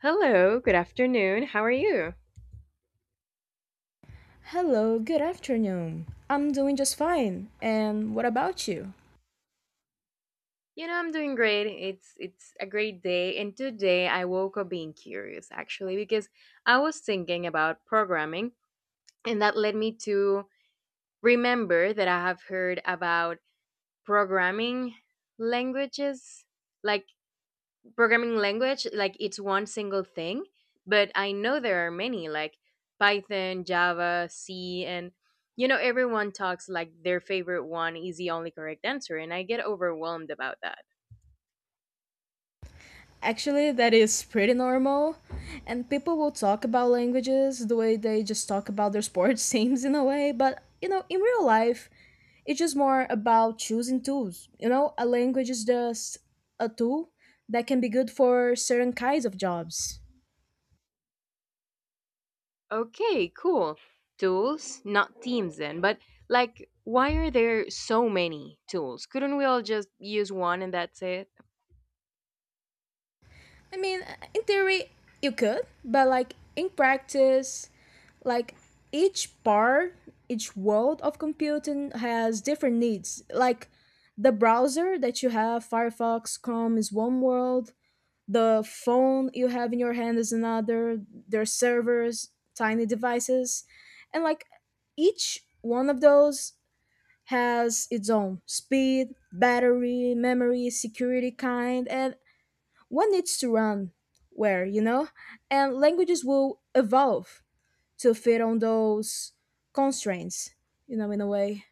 Hello, good afternoon. How are you? Hello, good afternoon. I'm doing just fine. And what about you? You know, I'm doing great. It's a great day, and today I woke up being curious actually because I was thinking about programming, and that led me to remember that I have heard about programming languages like programming language like it's one single thing, but I know there are many like Python, Java, C, and you know, everyone talks like their favorite one is the only correct answer, and I get overwhelmed about that. Actually, that is pretty normal. And people will talk about languages the way they just talk about their sports teams in a way, but you know, in real life, it's just more about choosing tools. You know, a language is just a tool that can be good for certain kinds of jobs. Okay, cool. Tools not teams then, but like why are there so many tools? Couldn't we all just use one and that's it? I mean, in theory, you could, but in practice, like each part, each world of computing has different needs. Like the browser that you have, Firefox, Chrome is one world, the phone you have in your hand is another. There are servers, tiny devices, and each one of those has its own speed, battery, memory, security kind, and one needs to run where, you know, and languages will evolve to fit on those constraints, you know, in a way.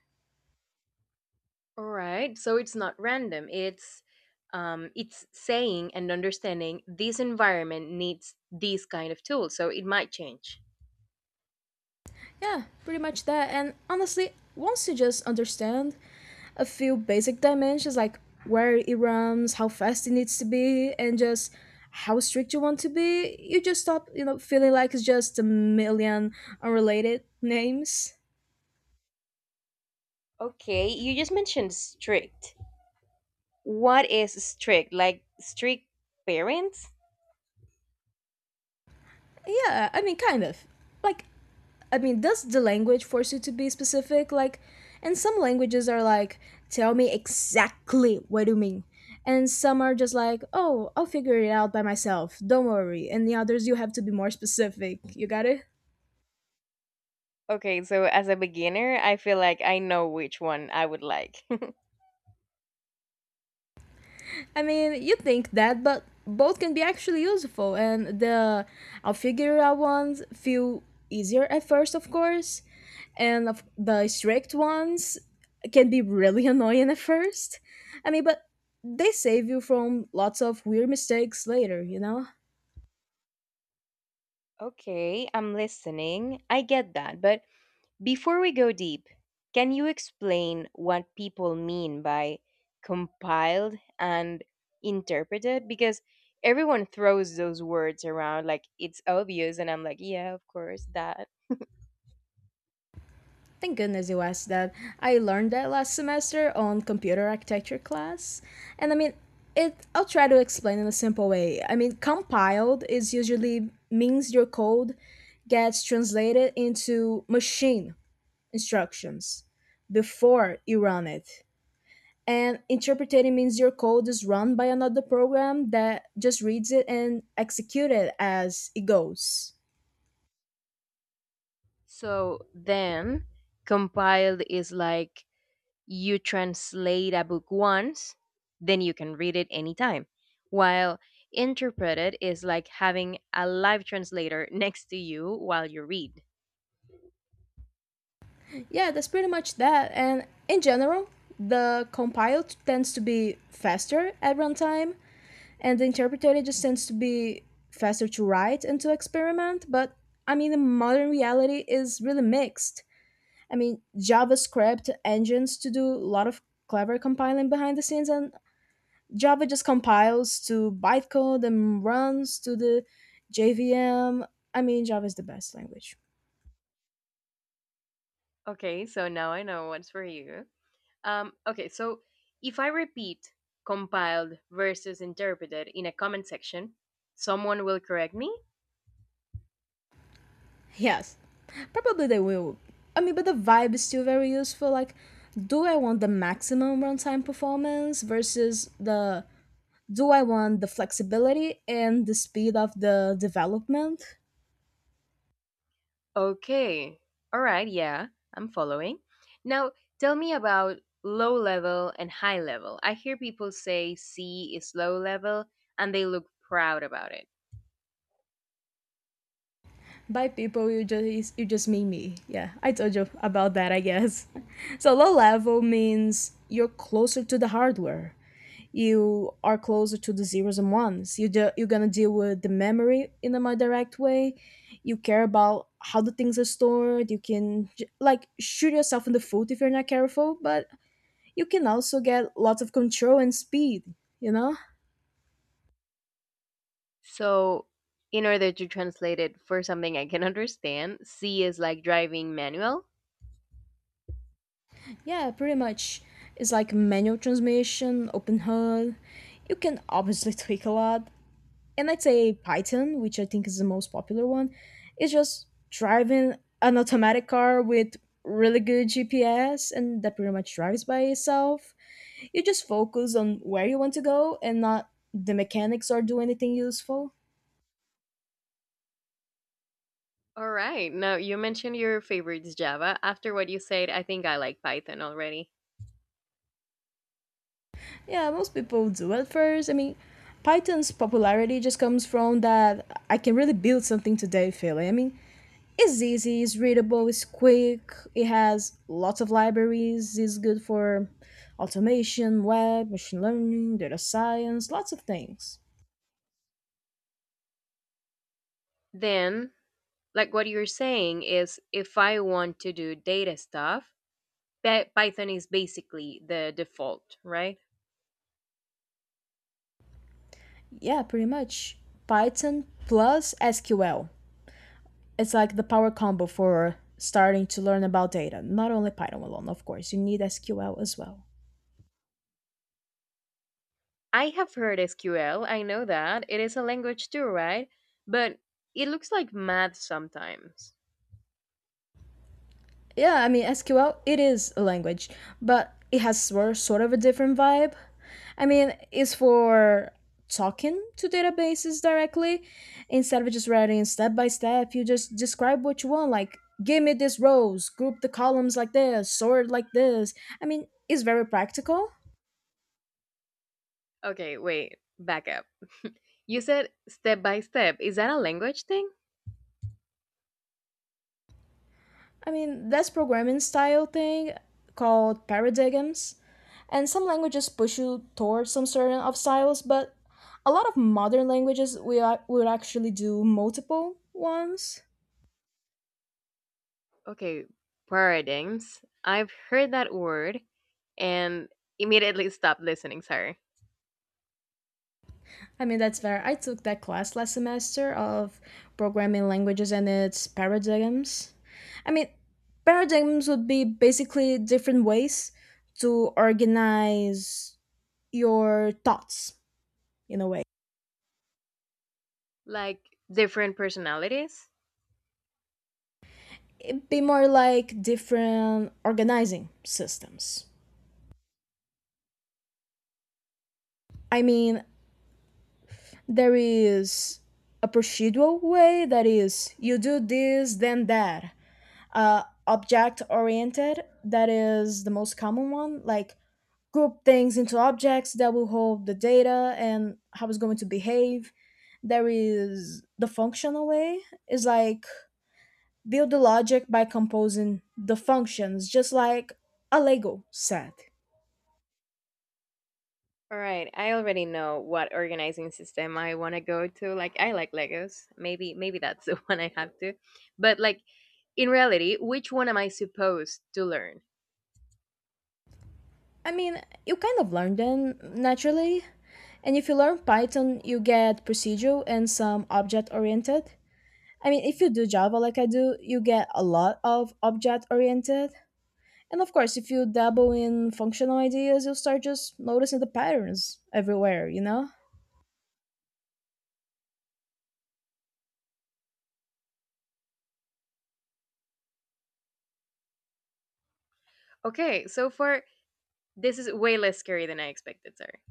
All right. So it's not random. It's saying and understanding this environment needs these kind of tools. So it might change. Yeah, pretty much that. And honestly, once you just understand a few basic dimensions like where it runs, how fast it needs to be, and just how strict you want to be, you just stop, you know, feeling like it's just a million unrelated names. Okay. You just mentioned strict. What is strict? Like strict parents? Yeah, I mean, kind of. Like, I mean, does the language force you to be specific? Like, and some languages are like, tell me exactly what you mean. And some are just like, oh, I'll figure it out by myself. Don't worry. And the others, you have to be more specific. You got it? Okay. So as a beginner, I feel like I know which one I would like. I mean, you think that, but both can be actually useful, and the alfigural ones feel easier at first, of course, and the strict ones can be really annoying at first. I mean, but they save you from lots of weird mistakes later, you know? Okay. I'm listening. I get that. But before we go deep, can you explain what people mean by compiled and interpreted? Because everyone throws those words around like it's obvious, and I'm like, yeah, of course, that. Thank goodness you asked that. I learned that last semester on computer architecture class. And I mean, it I'll try to explain in a simple way. I mean, compiled is usually means your code gets translated into machine instructions before you run it. And interpreting means your code is run by another program that just reads it and executes it as it goes. So then, compiled is like you translate a book once, then you can read it anytime. While interpreted is like having a live translator next to you while you read. Yeah, that's pretty much that. And in general, the compiled tends to be faster at runtime, and the interpreted just tends to be faster to write and to experiment. But I mean, the modern reality is really mixed. I mean, JavaScript engines to do a lot of clever compiling behind the scenes, and Java just compiles to bytecode and runs to the JVM. I mean, Java is the best language. Okay, so now I know what's for you. Okay, so if I repeat compiled versus interpreted in a comment section, someone will correct me? Yes, probably they will. I mean, but the vibe is still very useful. Like, do I want the maximum runtime performance versus the do I want the flexibility and the speed of the development? Okay, all right, yeah, I'm following. Now, tell me about low level and high level. I hear people say C is low level and they look proud about it. By people you just mean me? Yeah, I told you about that, I guess. So low level means you're closer to the hardware, you are closer to the zeros and ones, you're gonna deal with the memory in a more direct way. You care about how the things are stored. You can like shoot yourself in the foot if you're not careful, but you can also get lots of control and speed, you know. So, in order to translate it for something I can understand, C is like driving manual. Yeah, pretty much. It's like manual transmission, open HUD. You can obviously tweak a lot. And I'd say Python, which I think is the most popular one, is just driving an automatic car with really good GPS, and that pretty much drives by itself. You just focus on where you want to go and not the mechanics or do anything useful. All right. Now, you mentioned your favorite's Java. After what you said, I think I like Python already. Yeah, most people do at first. I mean, Python's popularity just comes from that "I can really build something today" feeling. I mean, it's easy, it's readable, it's quick, it has lots of libraries, it's good for automation, web, machine learning, data science, lots of things. Then, like what you're saying is if I want to do data stuff, Python is basically the default, right? Yeah, pretty much. Python plus SQL. It's like the power combo for starting to learn about data. Not only Python alone, of course, you need SQL as well. I have heard SQL. I know that. It is a language too, right? But it looks like math sometimes. Yeah, I mean SQL it is a language, but it has sort of a different vibe. I mean, it's for talking to databases directly instead of just writing step by step. You just describe what you want, like give me these rows, group the columns like this, sort like this. I mean, it's very practical. Okay, wait. Back up. You said step by step. Is that a language thing? I mean, that's programming style thing called paradigms. And some languages push you towards some certain of styles, but a lot of modern languages would actually do multiple ones. Okay, paradigms. I've heard that word and immediately stopped listening, sorry. I mean, that's fair. I took that class last semester of programming languages and its paradigms. I mean, paradigms would be basically different ways to organize your thoughts in a way. Like different personalities. It'd be more like different organizing systems. I mean, there is a procedural way, that is you do this, then that. Object oriented, that is the most common one, like group things into objects that will hold the data and how it's going to behave. There is the functional way, is like build the logic by composing the functions, just like a Lego set. All right, I already know what organizing system I want to go to. Like I like Legos. Maybe that's the one I have to. But like in reality, which one am I supposed to learn? I mean, you kind of learn them naturally. And if you learn Python, you get procedural and some object oriented. I mean, if you do Java like I do, you get a lot of object oriented. And of course, if you dabble in functional ideas, you'll start just noticing the patterns everywhere, you know? Okay, so far this is way less scary than I expected, sorry.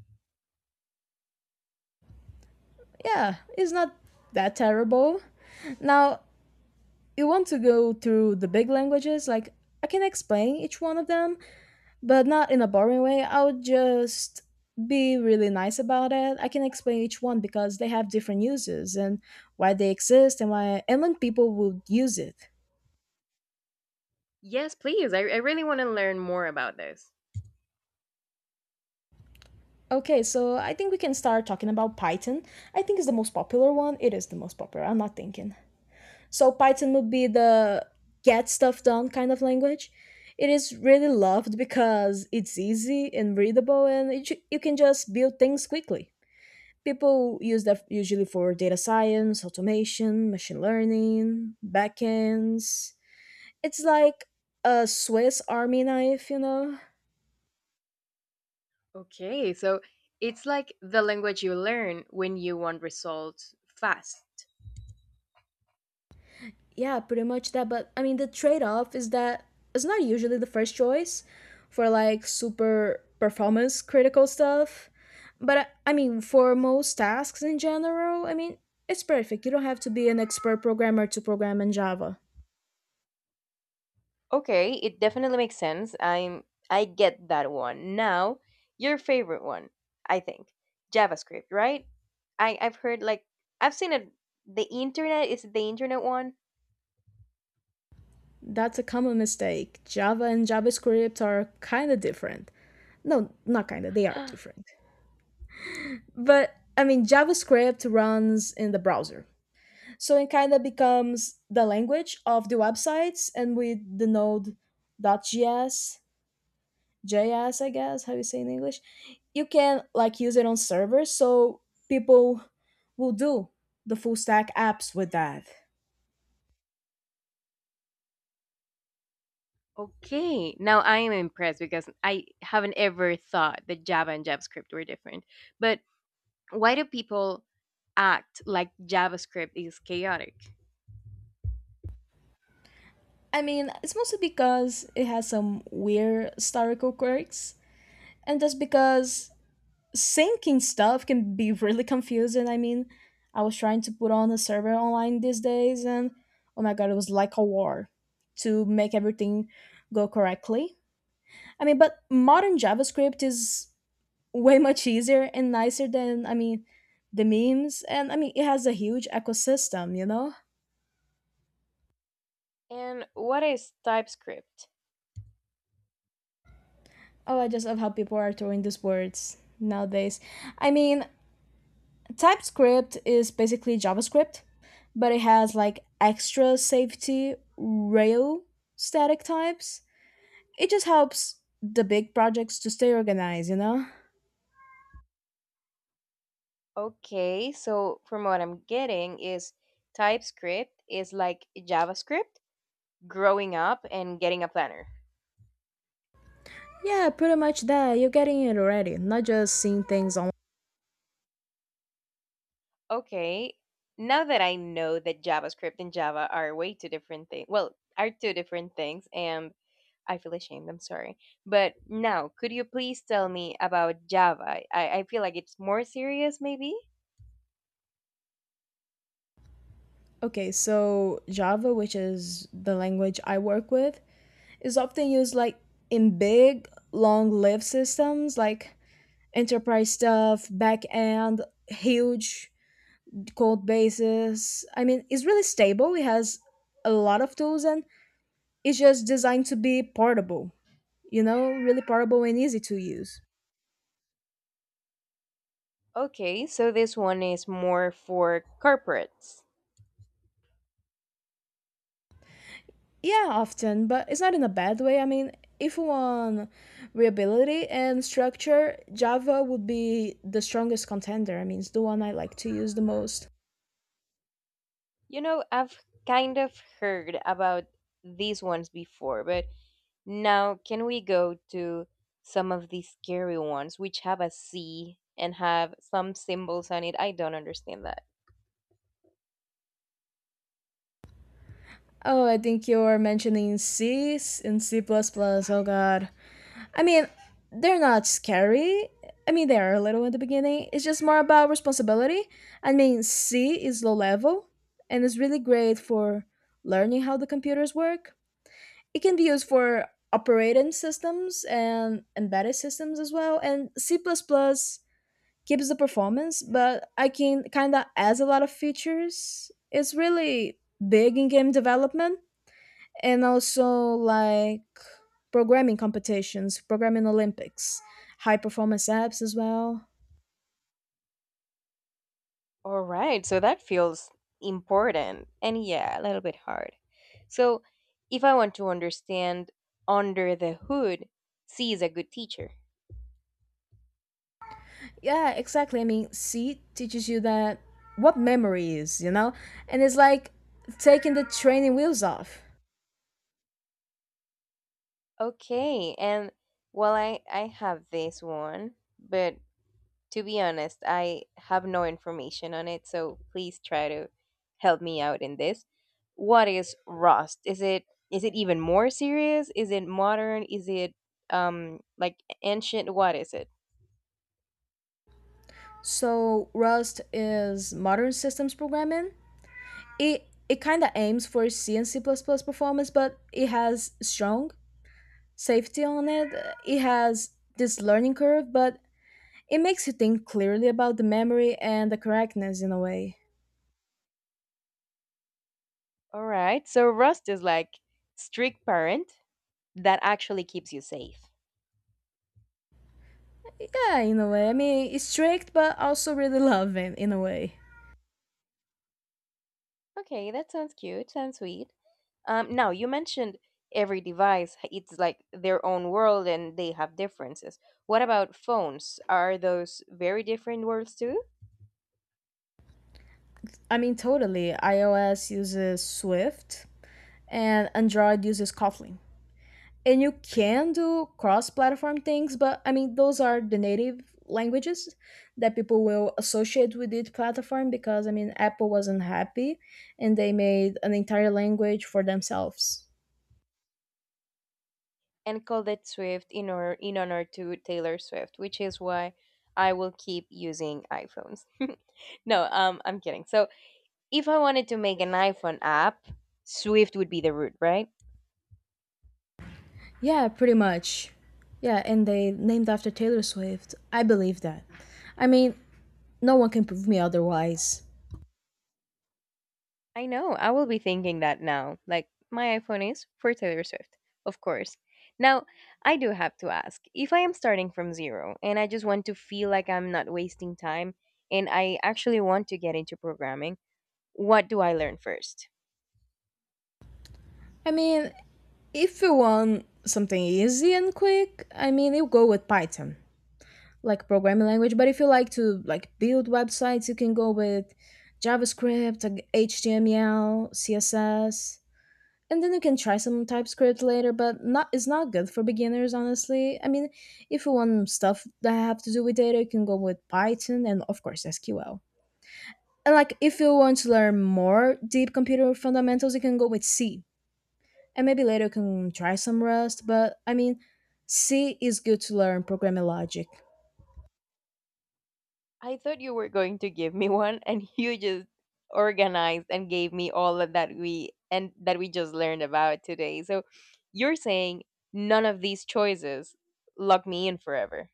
Yeah, it's not that terrible. Now, you want to go through the big languages, like I can explain each one of them, but not in a boring way. I would just be really nice about it. I can explain each one because they have different uses and why they exist and why and when people would use it. Yes, please. I really want to learn more about this. Okay, so I think we can start talking about Python. I think it's the most popular one. It is the most popular. I'm not thinking. So Python would be the get stuff done kind of language. It is really loved because it's easy and readable, and you can just build things quickly. People use that usually for data science, automation, machine learning, backends. It's like a Swiss army knife, you know? Okay, so it's like the language you learn when you want results fast. Yeah, pretty much that. But I mean, the trade off is that it's not usually the first choice for like super performance critical stuff. But I mean, for most tasks in general, I mean, it's perfect. You don't have to be an expert programmer to program in Java. Okay, it definitely makes sense. I get that one. Now, your favorite one, I think. JavaScript, right? I've heard like I've seen it. The internet, is it the internet one? That's a common mistake. Java and JavaScript are kind of different. No, not kind of. They are different. But I mean, JavaScript runs in the browser. So it kind of becomes the language of the websites, and with the node .js, JS, I guess, how you say in English, you can like use it on servers. So people will do the full stack apps with that. Okay. Now I am impressed because I haven't ever thought that Java and JavaScript were different. But why do people act like JavaScript is chaotic? I mean, it's mostly because it has some weird historical quirks and just because syncing stuff can be really confusing. I mean, I was trying to put on a server online these days, and oh my god, it was like a war to make everything go correctly. I mean, but modern JavaScript is way much easier and nicer than, I mean, the memes. And I mean, it has a huge ecosystem, you know? And what is TypeScript? Oh, I just love how people are throwing these words nowadays. I mean, TypeScript is basically JavaScript, but it has like extra safety rail, static types. It just helps the big projects to stay organized, you know? Okay, so from what I'm getting is TypeScript is like JavaScript growing up and getting a planner. Yeah, pretty much that. You're getting it already, not just seeing things online. Okay, now that I know that JavaScript and Java are way two different things, well, are two different things, and I feel ashamed, I'm sorry. But now, could you please tell me about Java? I feel like it's more serious, maybe? Okay, so Java, which is the language I work with, is often used like in big, long lived systems like enterprise stuff, back end, huge code bases. I mean, it's really stable. It has a lot of tools and it's just designed to be portable, you know, really portable and easy to use. Okay, so this one is more for corporates. Yeah, often, but it's not in a bad way. I mean, if you want reliability and structure, Java would be the strongest contender. I mean, it's the one I like to use the most. You know, I've kind of heard about these ones before, but now can we go to some of these scary ones which have a C and have some symbols on it? I don't understand that. Oh, I think you're mentioning C and C plus plus. Oh, God. I mean, they're not scary. I mean, they are a little in the beginning. It's just more about responsibility. I mean, C is low level and is really great for learning how the computers work. It can be used for operating systems and embedded systems as well. And C plus plus keeps the performance, but I can kind of adds a lot of features. It's really big in game development and also like programming competitions, programming Olympics, high performance apps as well. All right, so that feels important and yeah, a little bit hard. So, if I want to understand under the hood, C is a good teacher. Yeah, exactly. I mean, C teaches you that what memory is, you know, and it's like taking the training wheels off. Okay, and well, I have this one, but to be honest, I have no information on it, so please try to help me out in this. What is Rust? Is it even more serious? Is it modern? Is it like ancient? What is it? So Rust is modern systems programming. It kind of aims for C and C++ performance, but it has strong safety on it. It has this learning curve, but it makes you think clearly about the memory and the correctness in a way. All right. So Rust is like strict parent that actually keeps you safe. Yeah, in a way. I mean, it's strict, but also really loving in a way. Okay, that sounds cute. Sounds sweet. Now you mentioned every device it's like their own world and they have differences. What about phones? Are those very different worlds too? I mean, totally. iOS uses Swift and Android uses Kotlin. And you can do cross platform things, but I mean, those are the native languages that people will associate with each platform because, I mean, Apple wasn't happy and they made an entire language for themselves. And called it Swift in or in honor to Taylor Swift, which is why I will keep using iPhones. No, I'm kidding. So if I wanted to make an iPhone app, Swift would be the root, right? Yeah, pretty much. Yeah, and they named after Taylor Swift. I believe that. I mean, no one can prove me otherwise. I know. I will be thinking that now. Like my iPhone is for Taylor Swift, of course. Now, I do have to ask, if I am starting from zero and I just want to feel like I'm not wasting time and I actually want to get into programming, what do I learn first? I mean, if you want something easy and quick, I mean, you go with Python, like programming language, but if you like to like build websites, you can go with JavaScript, like HTML, CSS. And then you can try some TypeScript later, but not, it's not good for beginners, honestly. I mean, if you want stuff that have to do with data, you can go with Python and of course SQL. And like if you want to learn more deep computer fundamentals, you can go with C. And maybe later you can try some Rust, but I mean, C is good to learn programming logic. I thought you were going to give me one, and you just organized and gave me all of that we and that we just learned about today. So you're saying none of these choices lock me in forever.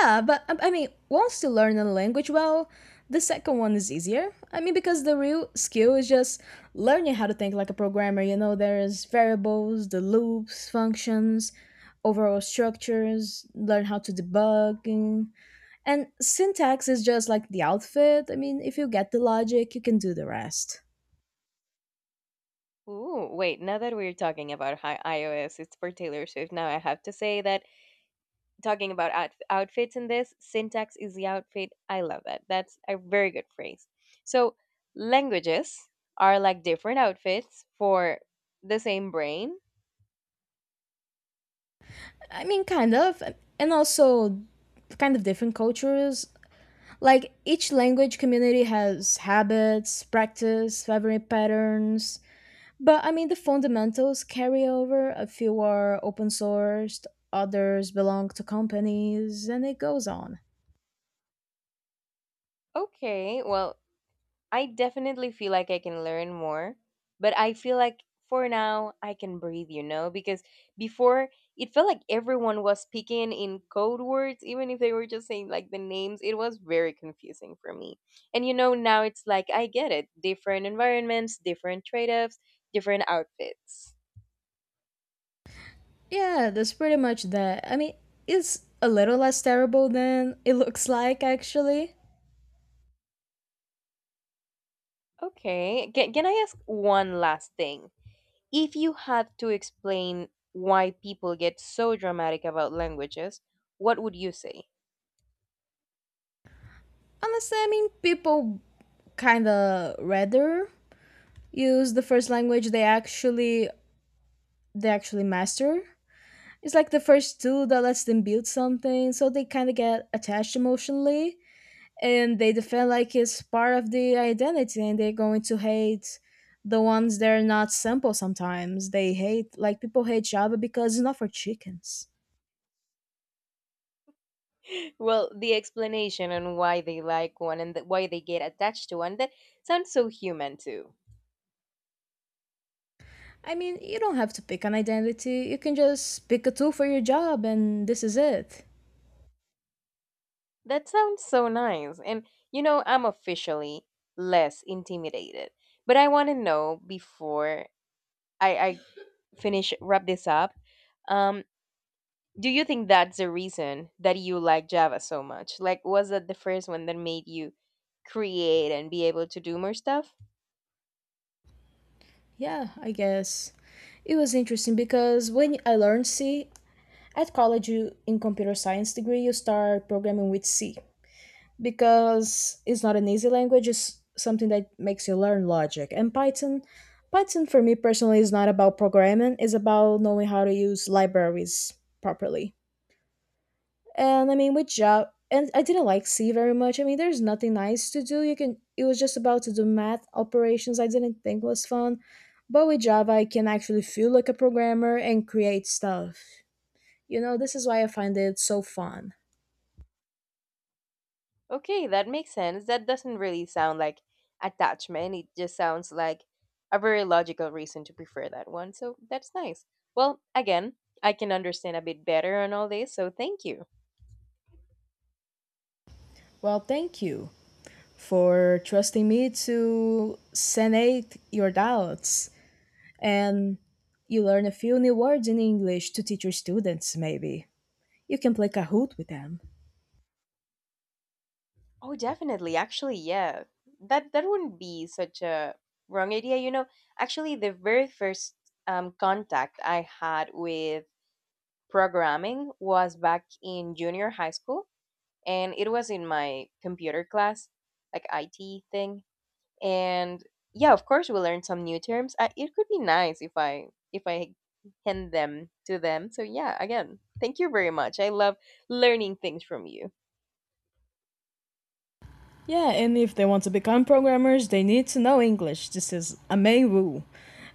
Yeah, but I mean, once you learn a language well, the second one is easier. I mean, because the real skill is just learning how to think like a programmer. You know, there's variables, the loops, functions, overall structures, learn how to debug. And syntax is just like the outfit. I mean, if you get the logic, you can do the rest. Ooh, wait, now that we're talking about iOS, it's for Taylor Swift. Now I have to say that talking about outfits in this, syntax is the outfit. I love that. That's a very good phrase. So languages are like different outfits for the same brain. I mean, kind of. And also, kind of different cultures. Like each language community has habits, practice, favorite patterns, but I mean the fundamentals carry over. A few are open sourced, others belong to companies, and it goes on. Okay, well, I definitely feel like I can learn more, but I feel like for now I can breathe, you know, because before it felt like everyone was speaking in code words, even if they were just saying like the names. It was very confusing for me. And you know, now it's like I get it, different environments, different trade offs, different outfits. Yeah, that's pretty much that. I mean, it's a little less terrible than it looks like, actually. Okay, can I ask one last thing? If you had to explain why people get so dramatic about languages, what would you say? Honestly, I mean people kinda rather use the first language they actually master it's like the first two that lets them build something, so they kind of get attached emotionally, and they defend like it's part of the identity, and they're going to hate the ones that are not simple. Sometimes they hate, like people hate Java because it's not for chickens. Well, the explanation on why they like one and why they get attached to one, that sounds so human too. I mean, you don't have to pick an identity. You can just pick a tool for your job, and this is it. That sounds so nice. And you know, I'm officially less intimidated. But I want to know before I finish wrap this up. Um, do you think that's the reason that you like Java so much? Like, was that the first one that made you create and be able to do more stuff? Yeah, I guess it was interesting because when I learned C at college, you in computer science degree, you start programming with C because it's not an easy language, it's something that makes you learn logic. And Python for me personally is not about programming, it's about knowing how to use libraries properly. And I mean, with Java, and I didn't like C very much. I mean, there's nothing nice to do, you can, it was just about to do math operations, I didn't think was fun. But with Java I can actually feel like a programmer and create stuff. You know, this is why I find it so fun. Okay, that makes sense. That doesn't really sound like attachment. It just sounds like a very logical reason to prefer that one. So that's nice. Well, again, I can understand a bit better on all this, so thank you. Well, thank you for trusting me to sanate your doubts. And you learn a few new words in English to teach your students, maybe. You can play Kahoot with them. Oh, definitely. Actually, yeah. That wouldn't be such a wrong idea, you know. Actually, the very first contact I had with programming was back in junior high school, and it was in my computer class, like IT thing. And yeah, of course we learn some new terms. It could be nice if I hand them to them. So yeah, again, thank you very much. I love learning things from you. Yeah, and if they want to become programmers, they need to know English. This is a main rule.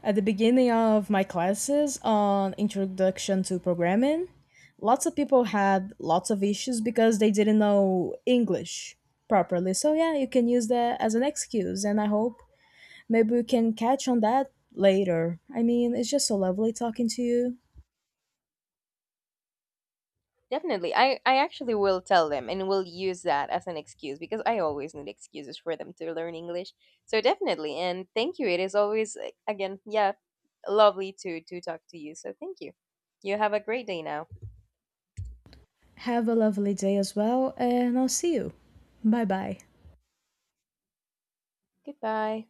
At the beginning of my classes on Introduction to Programming, lots of people had lots of issues because they didn't know English properly. So, yeah, you can use that as an excuse, and I hope maybe we can catch on that later. I mean, it's just so lovely talking to you. Definitely. I actually will tell them and will use that as an excuse, because I always need excuses for them to learn English. So definitely, and thank you. It is always again, yeah, lovely to talk to you. So thank you. You have a great day now. Have a lovely day as well, and I'll see you. Bye bye. Goodbye.